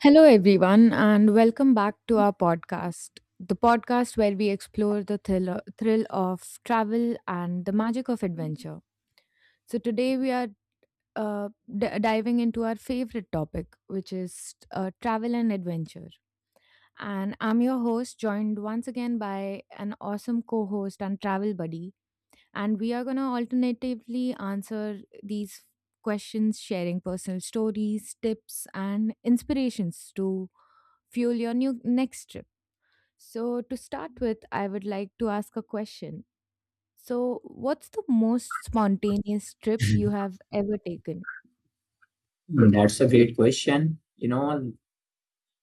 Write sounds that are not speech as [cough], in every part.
Hello, everyone, and welcome back to our [laughs] podcast. The podcast where we explore the thrill of travel and the magic of adventure. So, today we are diving into our favorite topic, which is travel and adventure. And I'm your host, joined once again by an awesome co host and travel buddy. And we are going to alternatively answer these questions, sharing personal stories, tips, and inspirations to fuel your new next trip. So, to start with, I would like to ask a question. So, what's the most spontaneous trip you have ever taken? Mm, that's a great question.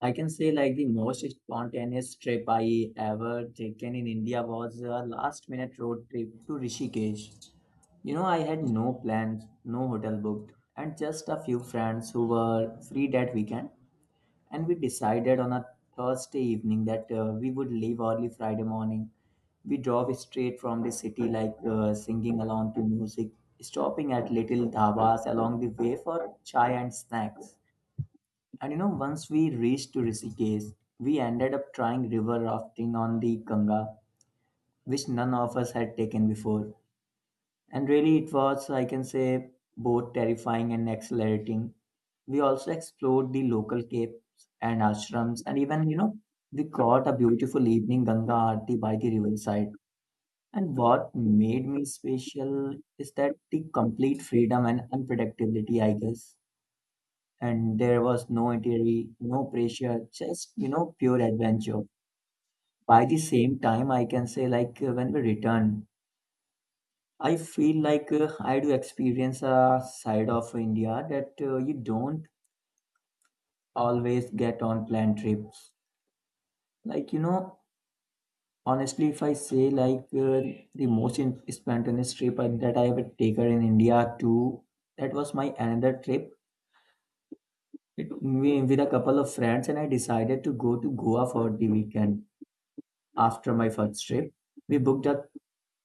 I can say the most spontaneous trip I ever taken in India was a last minute road trip to Rishikesh. You know, I had no plans, no hotel booked, and just a few friends who were free that weekend. And we decided on a Thursday evening that we would leave early Friday morning. We drove straight from the city, like singing along to music, stopping at little dhabas along the way for chai and snacks. And you know, once we reached to Rishikesh, we ended up trying river rafting on the Ganga, which none of us had taken before. And really, it was, I can say, both terrifying and exhilarating. We also explored the local caves and ashrams, and even, you know, we caught a beautiful evening Ganga Aarti by the riverside. And what made me special is that the complete freedom and unpredictability, I guess. And there was no theory, no pressure, just, you know, pure adventure. By the same time, I can say, when we return, I feel like I do experience a side of India that you don't always get on plane trips. Like, you know, honestly, if I say the most spontaneous trip that I ever taken in India to that was my another trip. It, we, with a couple of friends, and I decided to go to Goa for the weekend after my first trip. We booked up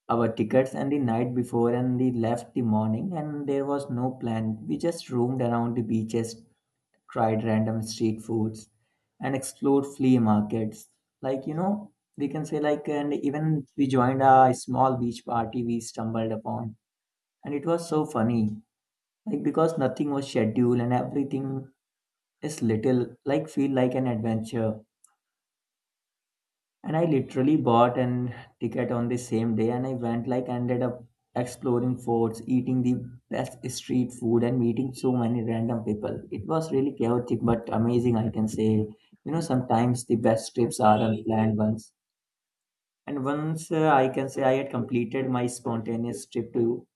our tickets and the night before, and we left the morning, and there was no plan. We just roamed around the beaches, tried random street foods, and explored flea markets. Like, you know, we can say like, and even we joined a small beach party we stumbled upon. And it was so funny, like because nothing was scheduled and everything is little, like feel like an adventure. And I literally bought an ticket on the same day and I went like ended up exploring forts, eating the best street food and meeting so many random people. It was really chaotic but amazing, I can say. You know, sometimes the best trips are unplanned ones. And once I can say I had completed my spontaneous trip to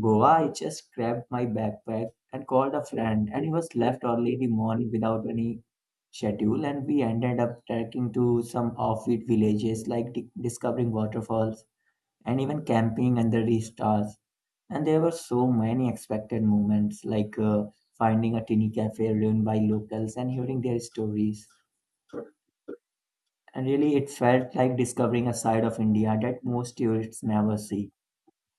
Goa, I just grabbed my backpack and called a friend, and he was left early in the morning without any schedule. And we ended up trekking to some offbeat villages, like discovering waterfalls and even camping under the stars. And there were so many expected moments, like finding a tiny cafe run by locals and hearing their stories. And really, it felt like discovering a side of India that most tourists never see.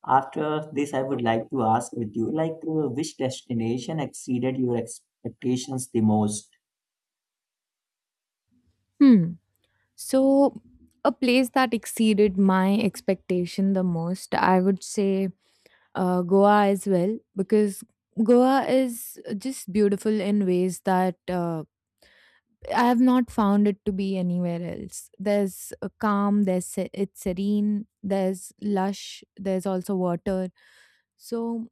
After this, I would like to ask with you, like, which destination exceeded your expectations the most? Hmm. So, a place that exceeded my expectation the most, I would say Goa as well, because Goa is just beautiful in ways that I have not found it to be anywhere else. There's a calm, it's serene, there's lush, there's also water. So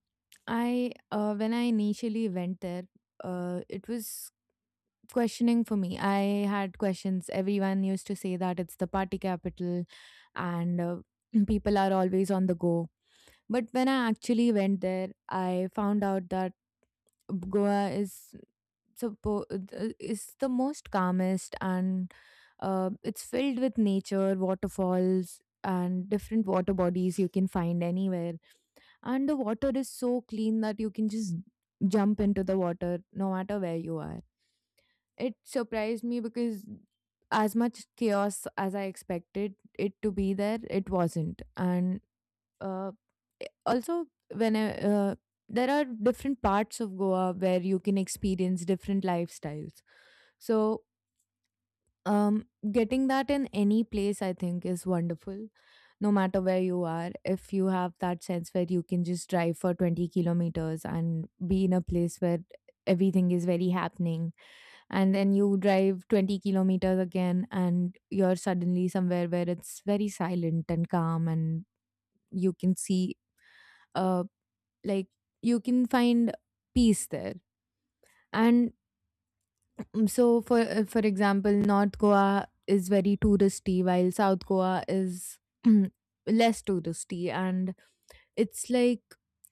I when I initially went there, it was questioning for me. I had questions. Everyone used to say that it's the party capital, and [clears throat] people are always on the go. But when I actually went there, I found out that Goa is is the most calmest, and it's filled with nature, waterfalls, and different water bodies you can find anywhere, and the water is so clean that you can just jump into the water no matter where you are. It surprised me because as much chaos as I expected it to be there, it wasn't. And uh, also, when I, uh, there are different parts of Goa where you can experience different lifestyles. So um getting that in any place I think is wonderful, no matter where you are, if you have that sense where you can just drive for 20 kilometers and be in a place where everything is very happening, and then you drive 20 kilometers again and you're suddenly somewhere where it's very silent and calm, and you can see, uh like you can find peace there. And so, for example, North Goa is very touristy, while South Goa is [clears throat] less touristy, and it's like,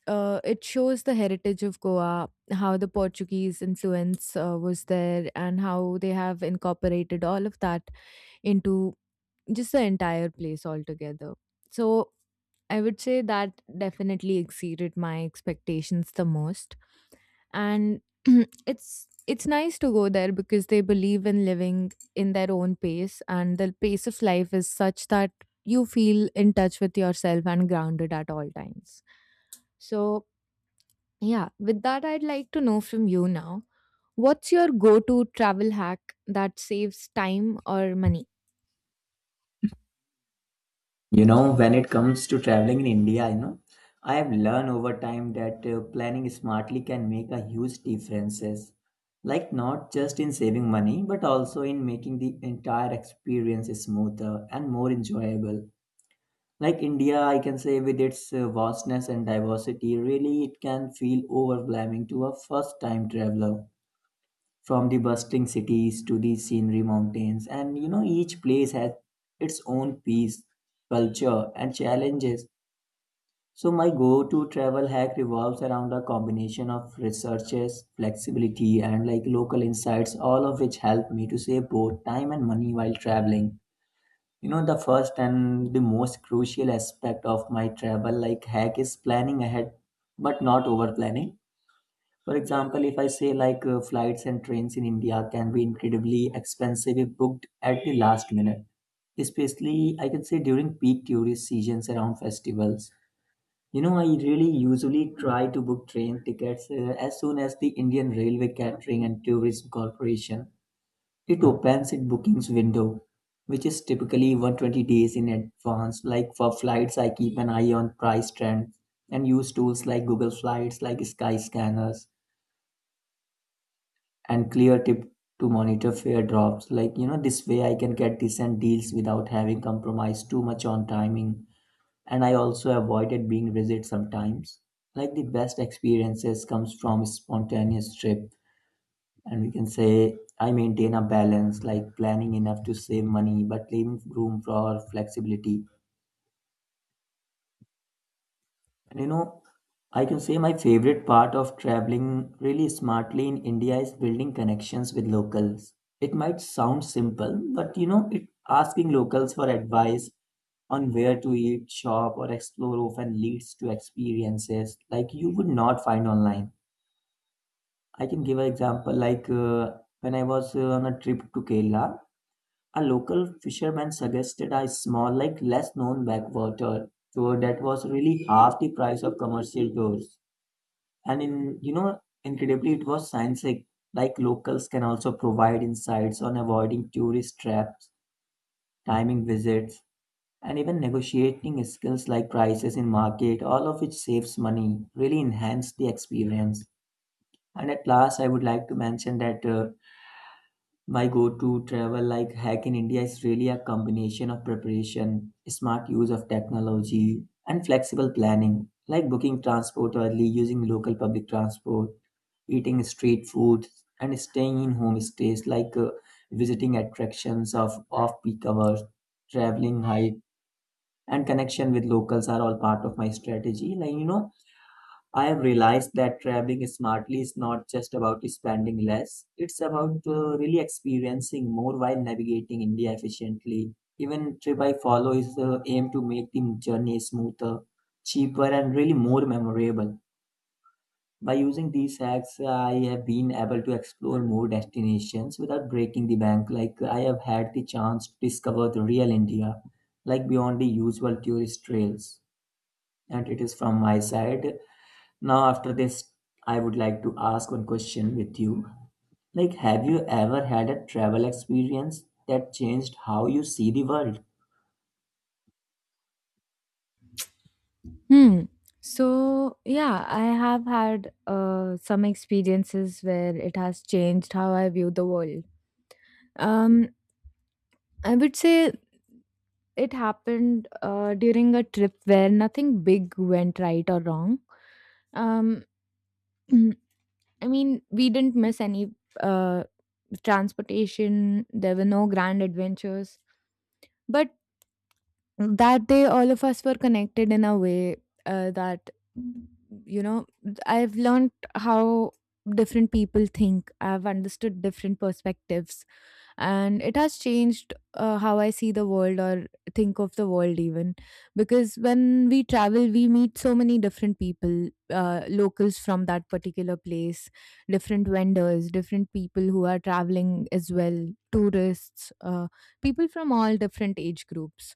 it shows the heritage of Goa, how the Portuguese influence was there, and how they have incorporated all of that into just the entire place altogether. So I would say that definitely exceeded my expectations the most, and [clears throat] it's nice to go there because they believe in living in their own pace, and the pace of life is such that you feel in touch with yourself and grounded at all times. So yeah, with that, I'd like to know from you now, what's your go-to travel hack that saves time or money? You know, when it comes to traveling in India, you know, I have learned over time that planning smartly can make a huge differences. Like, not just in saving money, but also in making the entire experience smoother and more enjoyable. Like India, I can say with its vastness and diversity, really it can feel overwhelming to a first-time traveler from the bustling cities to the scenery mountains. And you know each place has its own peace, culture and challenges. So my go-to travel hack revolves around a combination of researches, flexibility and like local insights, all of which help me to save both time and money while traveling. You know, the first and the most crucial aspect of my travel like hack is planning ahead, but not over planning. For example, if I say like flights and trains in India can be incredibly expensive if booked at the last minute, especially I can say during peak tourist seasons around festivals. You know, I really usually try to book train tickets as soon as the Indian Railway Catering and Tourism Corporation it opens its bookings window, which is typically 120 days in advance. Like for flights, I keep an eye on price trends and use tools like Google Flights, like Skyscanners and clear tip, to monitor fare drops. Like, you know, this way I can get decent deals without having compromised too much on timing. And I also avoided being rigid sometimes. Like the best experiences comes from spontaneous trip. And we can say I maintain a balance, like planning enough to save money, but leaving room for flexibility. And you know, I can say my favorite part of traveling really smartly in India is building connections with locals. It might sound simple, but you know, it asking locals for advice on where to eat, shop, or explore often leads to experiences like you would not find online. I can give an example like when I was on a trip to Kerala, a local fisherman suggested a small, like less known backwater tour that was really half the price of commercial tours. And in, you know, incredibly, it was science like locals can also provide insights on avoiding tourist traps, timing visits, and even negotiating skills like prices in market, all of which saves money, really enhance the experience. And at last, I would like to mention that my go-to travel like hack in India is really a combination of preparation, smart use of technology, and flexible planning, like booking transport early, using local public transport, eating street food, and staying in homestays like visiting attractions of off-peak hours, traveling high, and connection with locals are all part of my strategy. Like, you know, I have realized that traveling smartly is not just about spending less, it's about really experiencing more while navigating India efficiently. Even trip I follow is aim to make the journey smoother, cheaper, and really more memorable. By using these hacks, I have been able to explore more destinations without breaking the bank. Like I have had the chance to discover the real India, like beyond the usual tourist trails. And it is from my side. Now, after this, I would like to ask one question with you. Like, have you ever had a travel experience that changed how you see the world? Hmm. So, yeah, I have had some experiences where it has changed how I view the world. Um, I would say it happened during a trip where nothing big went right or wrong. Um, [clears throat] I mean, we didn't miss any uh, transportation, there were no grand adventures. But that day, all of us were connected in a way that, you know, I've learned how different people think, I've understood different perspectives. And it has changed how I see the world, or think of the world even, because when we travel we meet so many different people, locals from that particular place, different vendors, different people who are traveling as well, tourists, people from all different age groups.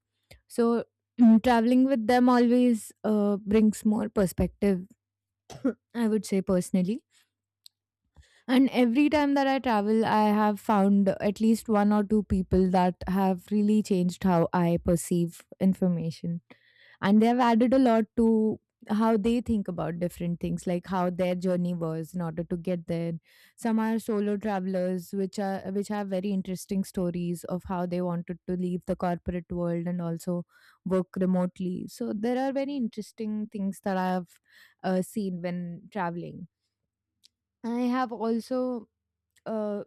So [clears throat] traveling with them always brings more perspective, I would say personally. And every time that I travel, I have found at least one or two people that have really changed how I perceive information. And they have added a lot to how they think about different things, like how their journey was in order to get there. Some are solo travelers, which have very interesting stories of how they wanted to leave the corporate world and also work remotely. So there are very interesting things that I have seen when traveling. I have also uh,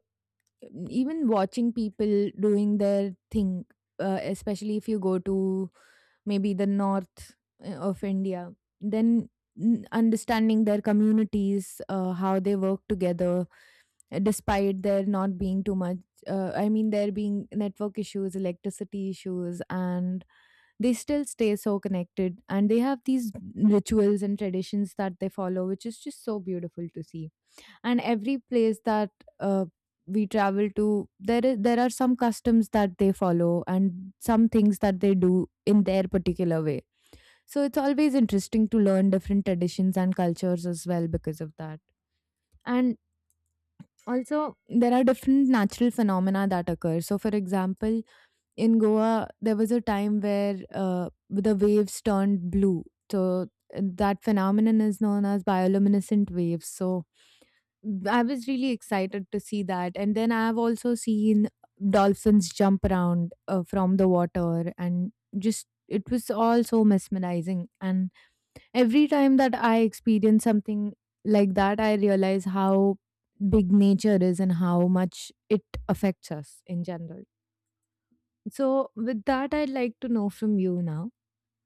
even watching people doing their thing, especially if you go to maybe the north of India, then understanding their communities, how they work together, despite there not being too much. I mean, there being network issues, electricity issues, and they still stay so connected. And they have these rituals and traditions that they follow, which is just so beautiful to see. And every place that uh, we travel to, there are some customs that they follow and some things that they do in their particular way. So it's always interesting to learn different traditions and cultures as well because of that. And also there are different natural phenomena that occur. So for example, in Goa there was a time where the waves turned blue. So that phenomenon is known as bioluminescent waves. So I was really excited to see that. And then I've also seen dolphins jump around from the water, and just it was all so mesmerizing. And every time that I experience something like that, I realize how big nature is and how much it affects us in general. So, with that, I'd like to know from you now,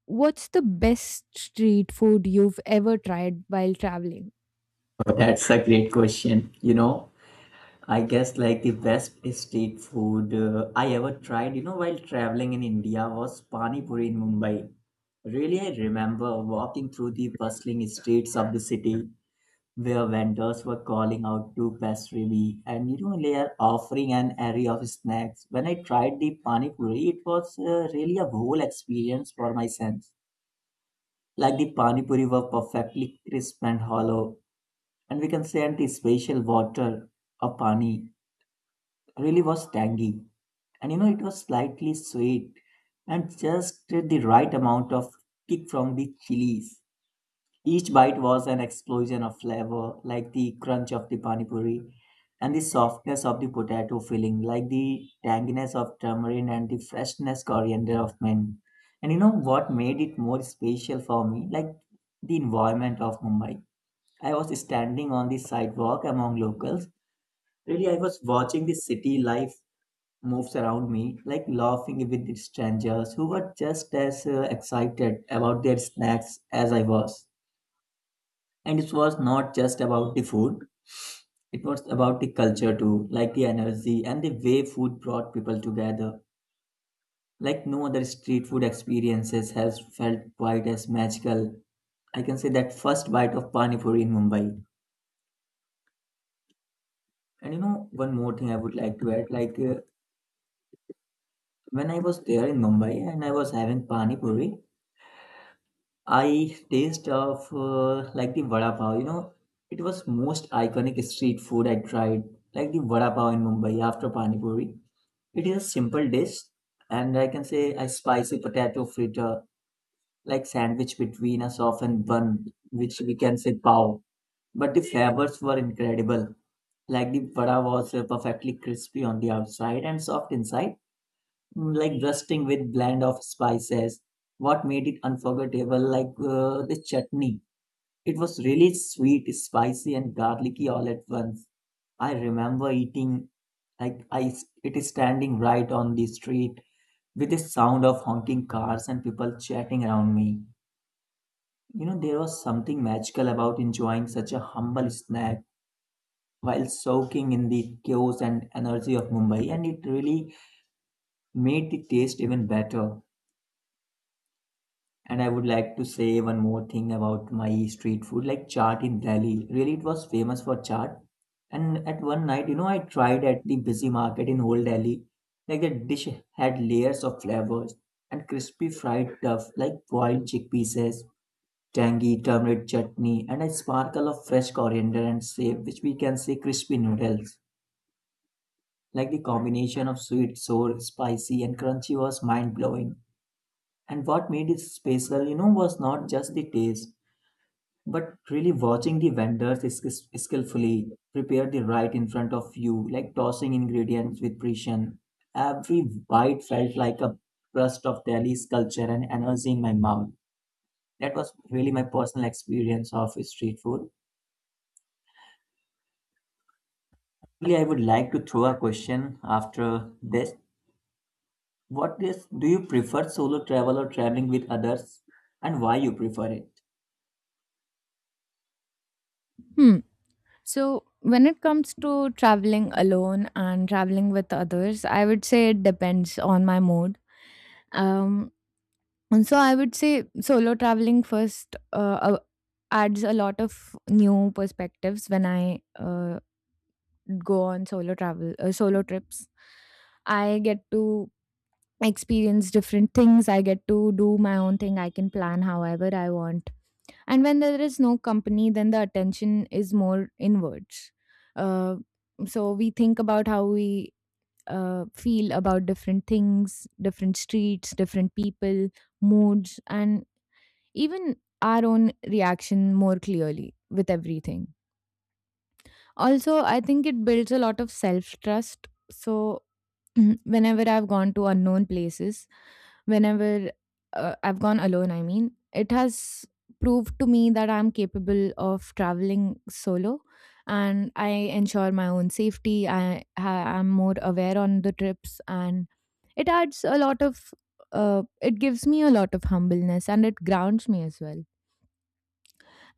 what's the best street food you've ever tried while traveling? [laughs] That's a great question, you know. I guess like the best street food I ever tried, you know, while traveling in India was Pani Puri in Mumbai. Really, I remember walking through the bustling streets of the city where vendors were calling out to pastry, and you know they are offering an array of snacks. When I tried the Pani Puri, it was really a whole experience for my sense. Like the Pani Puri were perfectly crisp and hollow, and we can say and the special water of Pani really was tangy. And you know, it was slightly sweet and just the right amount of kick from the chilies. Each bite was an explosion of flavor, like the crunch of the pani puri and the softness of the potato filling, like the tanginess of tamarind and the freshness coriander of mint. And you know what made it more special for me? Like the environment of Mumbai. I was standing on the sidewalk among locals. Really, I was watching the city life moves around me, like laughing with strangers who were just as excited about their snacks as I was. And it was not just about the food, it was about the culture too, like the energy and the way food brought people together. Like no other street food experiences has felt quite as magical. I can say that first bite of Pani Puri in Mumbai. And you know, one more thing I would like to add, when I was there in Mumbai and I was having Pani Puri, I taste of like the vada pav. You know, it was most iconic street food I tried, like the vada pav in Mumbai after pani puri. It is a simple dish, and I can say a spicy potato fritter, like sandwich between a softened bun, which we can say pav. But the flavors were incredible. Like the vada was perfectly crispy on the outside and soft inside, like dusting with blend of spices. What made it unforgettable, like the chutney it was really sweet, spicy, and garlicky all at once. I remember eating like it is standing right on the street with the sound of honking cars and people chatting around me. You know, there was something magical about enjoying such a humble snack while soaking in the chaos and energy of Mumbai, and it really made the taste even better. And I would like to say one more thing about my street food, like chaat in Delhi. Really, it was famous for chaat. And at one night, you know, I tried at the busy market in whole Delhi. Like the dish had layers of flavors and crispy fried stuff like boiled chickpeas, tangy turmeric chutney, and a sparkle of fresh coriander and save, which we can say crispy noodles. Like the combination of sweet, sour, spicy, and crunchy was mind blowing. And what made it special, you know, was not just the taste but really watching the vendors skillfully prepare the right in front of you, like tossing ingredients with precision. Every bite felt like a burst of Delhi's culture and energy in my mouth. That was really my personal experience of street food. Really, I would like to throw a question after this. What is, do you prefer solo travel or traveling with others, and why you prefer it? Hmm. So, when it comes to traveling alone and traveling with others, I would say it depends on my mood. Um, and so I would say solo traveling first adds a lot of new perspectives when I go on solo travel, solo trips. I get to experience different things. I get to do my own thing. I can plan however I want, and when there is no company, then the attention is more inwards. Uh, so we think about how we feel about different things, different streets, different people, moods, and even our own reaction more clearly with everything. Also, I think it builds a lot of self trust. So Mhm. Whenever I've gone to unknown places, whenever I've gone alone, I mean, it has proved to me that I'm capable of traveling solo and I ensure my own safety. I am more aware on the trips, and it adds a lot of, it gives me a lot of humbleness and it grounds me as well.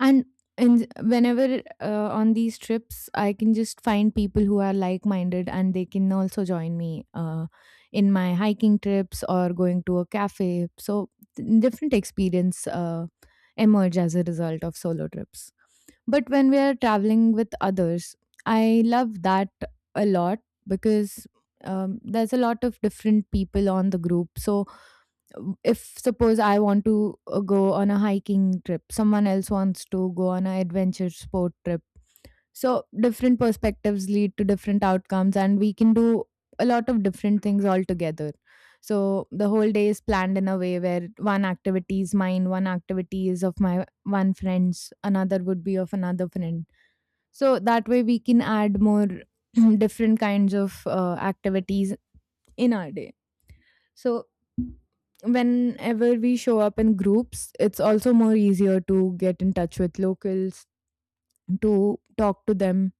And whenever on these trips, I can just find people who are like minded, and they can also join me in my hiking trips or going to a cafe. So different experience emerge as a result of solo trips. But when we are traveling with others, I love that a lot, because there's a lot of different people on the group. So if suppose I want to go on a hiking trip, someone else wants to go on an adventure sport trip. So different perspectives lead to different outcomes, and we can do a lot of different things all together. So the whole day is planned in a way where one activity is mine, one activity is of my one friend's, another would be of another friend. So that way we can add more [clears throat] different kinds of activities in our day. So whenever we show up in groups, it's also more easier to get in touch with locals, to talk to them.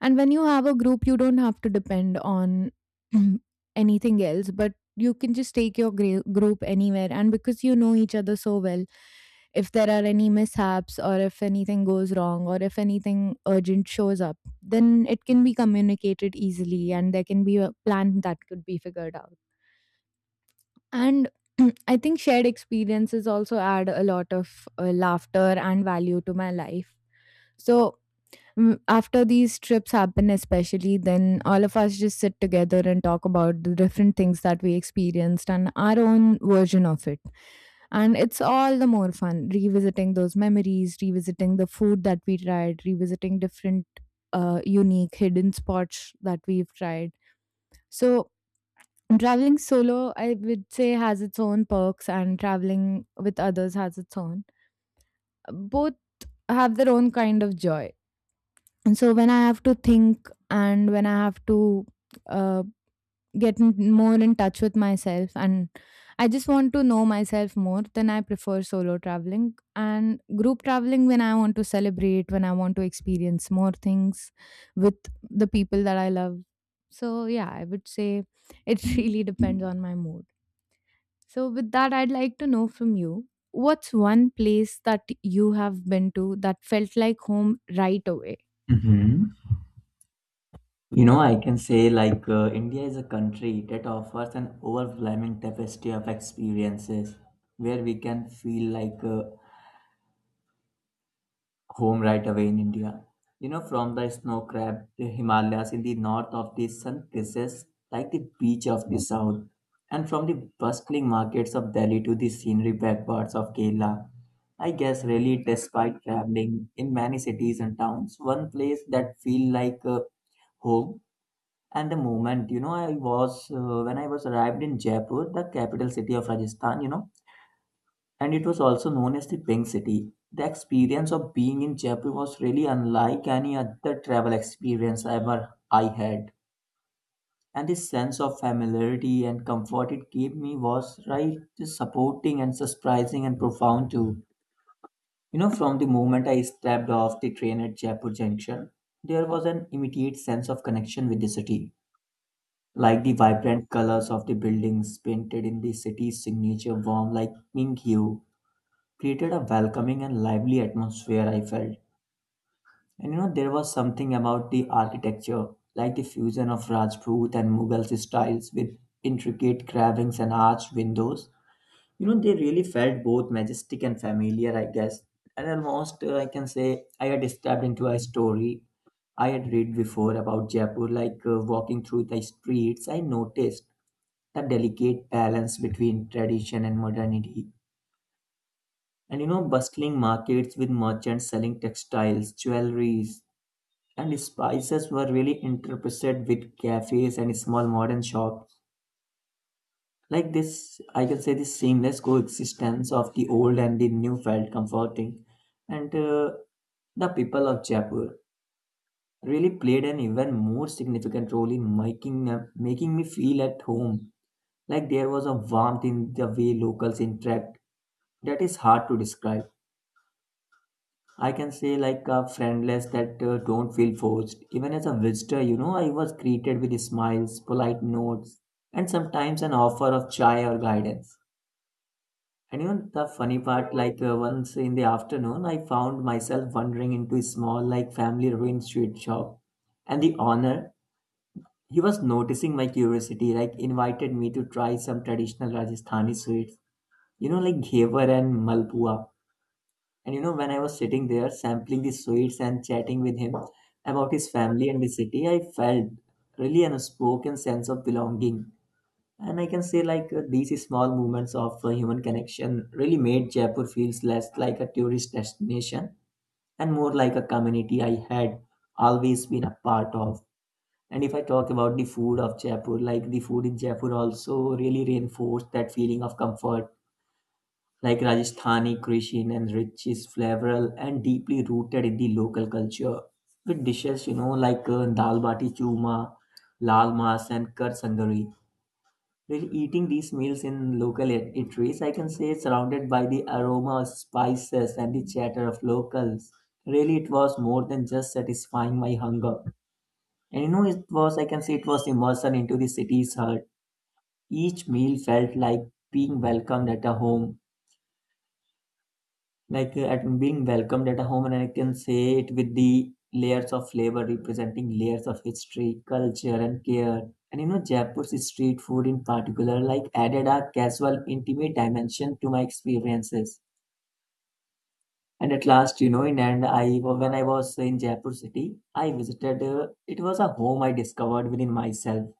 And when you have a group, you don't have to depend on [clears throat] anything else, but you can just take your group anywhere. And because you know each other so well, if there are any mishaps, or if anything goes wrong, or if anything urgent shows up, then it can be communicated easily and there can be a plan that could be figured out. And [clears throat] I think shared experiences also add a lot of laughter and value to my life. So, after these trips happen, especially, then all of us just sit together and talk about the different things that we experienced and our own version of it. And it's all the more fun revisiting those memories, revisiting the food that we tried, revisiting different unique hidden spots that we've tried. So, traveling solo, I would say, has its own perks, and traveling with others has its own. Both have their own kind of joy. And so, when I have to think and when I have to uh, get more in touch with myself, and I just want to know myself more, then I prefer solo traveling. And group traveling, when I want to celebrate, when I want to experience more things with the people that I love. So, yeah, I would say it [laughs] really depends on my mood. So, with that, I'd like to know from you, what's one place that you have been to that felt like home right away? Mhm. You know, I can say like India is a country that offers an overwhelming tapestry of experiences where we can feel like home right away in India. You know, from the snow crab, the Himalayas in the north of the sun kisses like the beach of the south, and from the bustling markets of Delhi to the scenery backwards of Kerala. I guess really, despite traveling in many cities and towns, one place that feel like home, and the moment, you know, I was when I was arrived in Jaipur, the capital city of Rajasthan, you know, and it was also known as the Pink City. The experience of being in Jaipur was really unlike any other travel experience ever I had, and this sense of familiarity and comfort it gave me was right, just supporting and surprising and profound too. You know, from the moment I stepped off the train at Jaipur Junction, there was an immediate sense of connection with the city. Like, the vibrant colors of the buildings painted in the city's signature warm, like, pink hue created a welcoming and lively atmosphere, I felt. And you know, there was something about the architecture, like the fusion of Rajput and Mughal styles with intricate carvings and arched windows, you know, they really felt both majestic and familiar, I guess. And almost, I can say I had stepped into a story I had read before about Jaipur. Like, walking through the streets, I noticed that delicate balance between tradition and modernity. And you know, bustling markets with merchants selling textiles, jewelries, and spices were really interpreted with cafes and small modern shops. Like this, I can say this seamless coexistence of the old and the new felt comforting. And the people of Jaipur really played an even more significant role in making, making me feel at home. Like, there was a warmth in the way locals interact that is hard to describe. I can say like a friendless that don't feel forced. Even as a visitor, you know, I was greeted with smiles, polite notes, and sometimes an offer of chai or guidance. And you know, the funny part, like once in the afternoon, I found myself wandering into a small, like family run sweet shop, and the owner, he was noticing my curiosity, like invited me to try some traditional Rajasthani sweets, you know, like ghevar and malpua. And you know, when I was sitting there sampling the sweets and chatting with him about his family and the city, I felt really an unspoken sense of belonging. And I can say, like, these small moments of human connection really made Jaipur feels less like a tourist destination and more like a community I had always been a part of. And if I talk about the food of Jaipur, like the food in Jaipur also really reinforced that feeling of comfort. Like, Rajasthani cuisine and rich is flavoural and deeply rooted in the local culture. With dishes, you know, like dal bati churma, lal mas, and kar sangari. Really eating these meals in eateries, I can say, surrounded by the aroma of spices and the chatter of locals. Really, it was more than just satisfying my hunger, and you know, it was, I can say, it was immersion into the city's heart. Each meal felt like being welcomed at a home, and I can say it with the layers of flavor representing layers of history, culture, and care. And you know, Jaipur's street food in particular, like added a casual, intimate dimension to my experiences. And at last, you know, in end, I when I was in Jaipur city, I visited. It was a home I discovered within myself.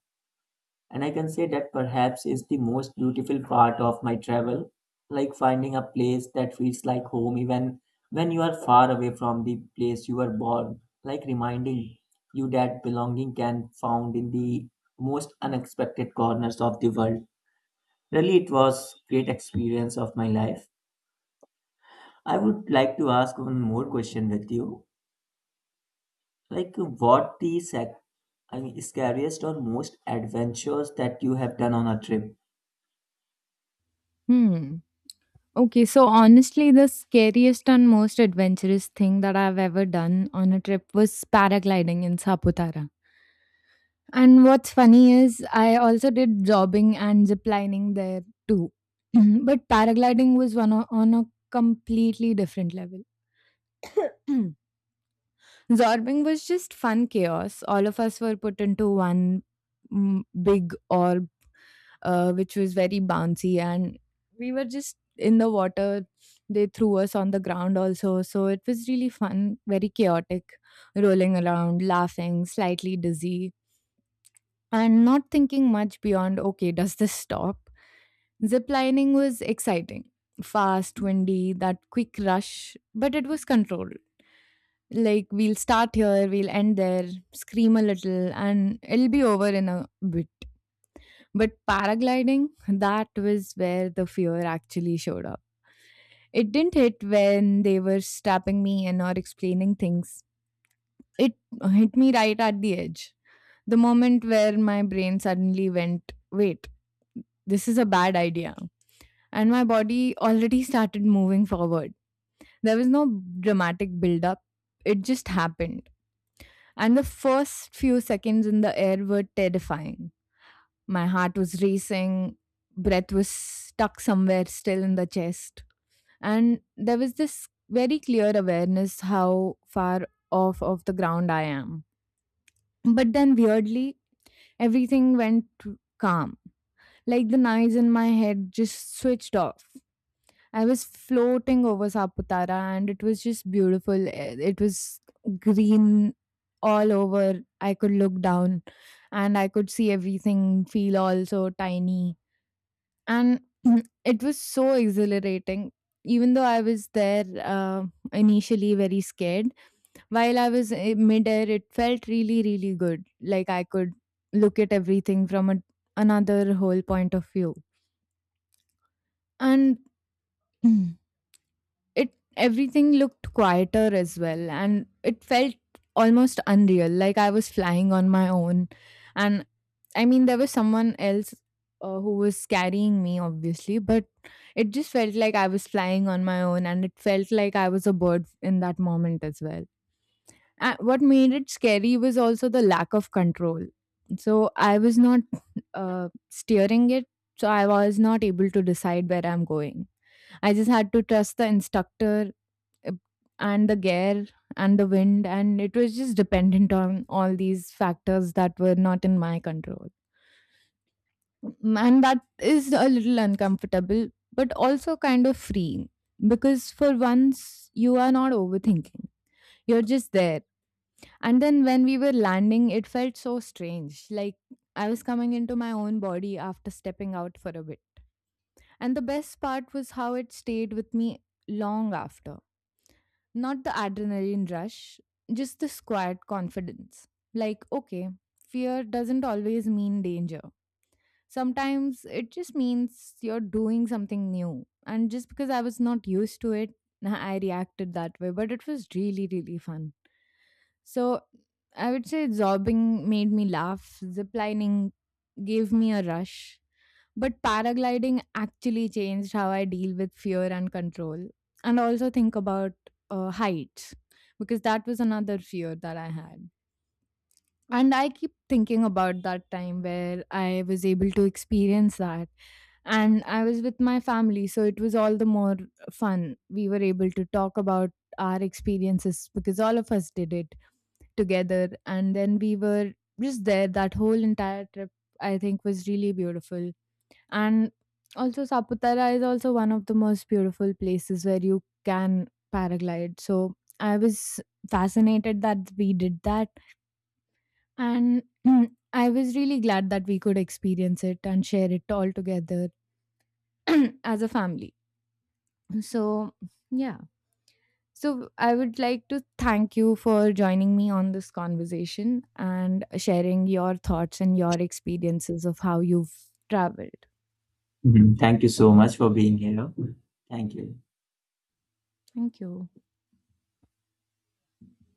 And I can say that perhaps is the most beautiful part of my travel, like finding a place that feels like home even when you are far away from the place you were born, like reminding you that belonging can found in the most unexpected corners of the world. Really, it was great experience of my life. I would like to ask one more question with you. Like, I mean, scariest or most adventures that you have done on a trip? Hmm. Okay, so honestly, the scariest and most adventurous thing that I've ever done on a trip was paragliding in Saputara. And what's funny is I also did jobbing and ziplining there too. [clears throat] But paragliding was on a completely different level. [clears throat] Zorbing was just fun chaos. All of us were put into one big orb, which was very bouncy, and we were just in the water. They threw us on the ground also, so it was really fun, very chaotic, rolling around, laughing, slightly dizzy, and not thinking much beyond, okay, does this stop? Ziplining was exciting, fast, windy, that quick rush, but it was controlled. Like, we'll start here, we'll end there, scream a little, and it'll be over in a bit. But paragliding, that was where the fear actually showed up. It didn't hit when they were strapping me in or explaining things, it hit me right at the edge. The moment where my brain suddenly went, wait, this is a bad idea. And my body already started moving forward. There was no dramatic build up, it just happened. And the first few seconds in the air were terrifying. My heart was racing, breath was stuck somewhere still in the chest. And there was this very clear awareness how far off of the ground I am. But then, weirdly, everything went calm. Like, the noise in my head just switched off. I was floating over Saputara and it was just beautiful. It was green all over. I could look down and I could see everything, feel all so tiny. And [clears throat] it was so exhilarating. Even though I was there initially very scared, while I was midair, it felt really, really good. Like, I could look at everything from another whole point of view. And [clears throat] it everything looked quieter as well, and it felt almost unreal, like I was flying on my own. And I mean, there was someone else who was carrying me obviously, but it just felt like I was flying on my own, and it felt like I was a bird in that moment as well. What made it scary was also the lack of control. So I was not steering it, so I was not able to decide where I'm going. I just had to trust the instructor, ab- and the gear and the wind, and it was just dependent on all these factors that were not in my control. And that is a little uncomfortable, but also kind of freeing, because for once you are not overthinking, you're just there. And then when we were landing, it felt so strange, like I was coming into my own body after stepping out for a bit. And the best part was how it stayed with me long after. Not the adrenaline rush, just this quiet confidence. Like, okay, fear doesn't always mean danger. Sometimes it just means you're doing something new. And just because I was not used to it, [laughs] I reacted that way. But it was really, really fun. So I would say zorbing made me laugh, ziplining gave me a rush, but paragliding actually changed how I deal with fear and control, and also think about heights, because that was another fear that I had. And I keep thinking about that time where I was able to experience that. And I was with my family, so it was all the more fun. We were able to talk about our experiences because all of us did it together, and then we were just there. That whole entire trip, I think, was really beautiful. And also, Saputara is also one of the most beautiful places where you can paraglide, so I was fascinated that we did that. And [clears throat] I was really glad that we could experience it and share it all together [clears throat] as a family. So, yeah. So I would like to thank you for joining me on this conversation and sharing your thoughts and your experiences of how you've traveled. Mhm. Thank you so much for being here. Thank you. Thank you.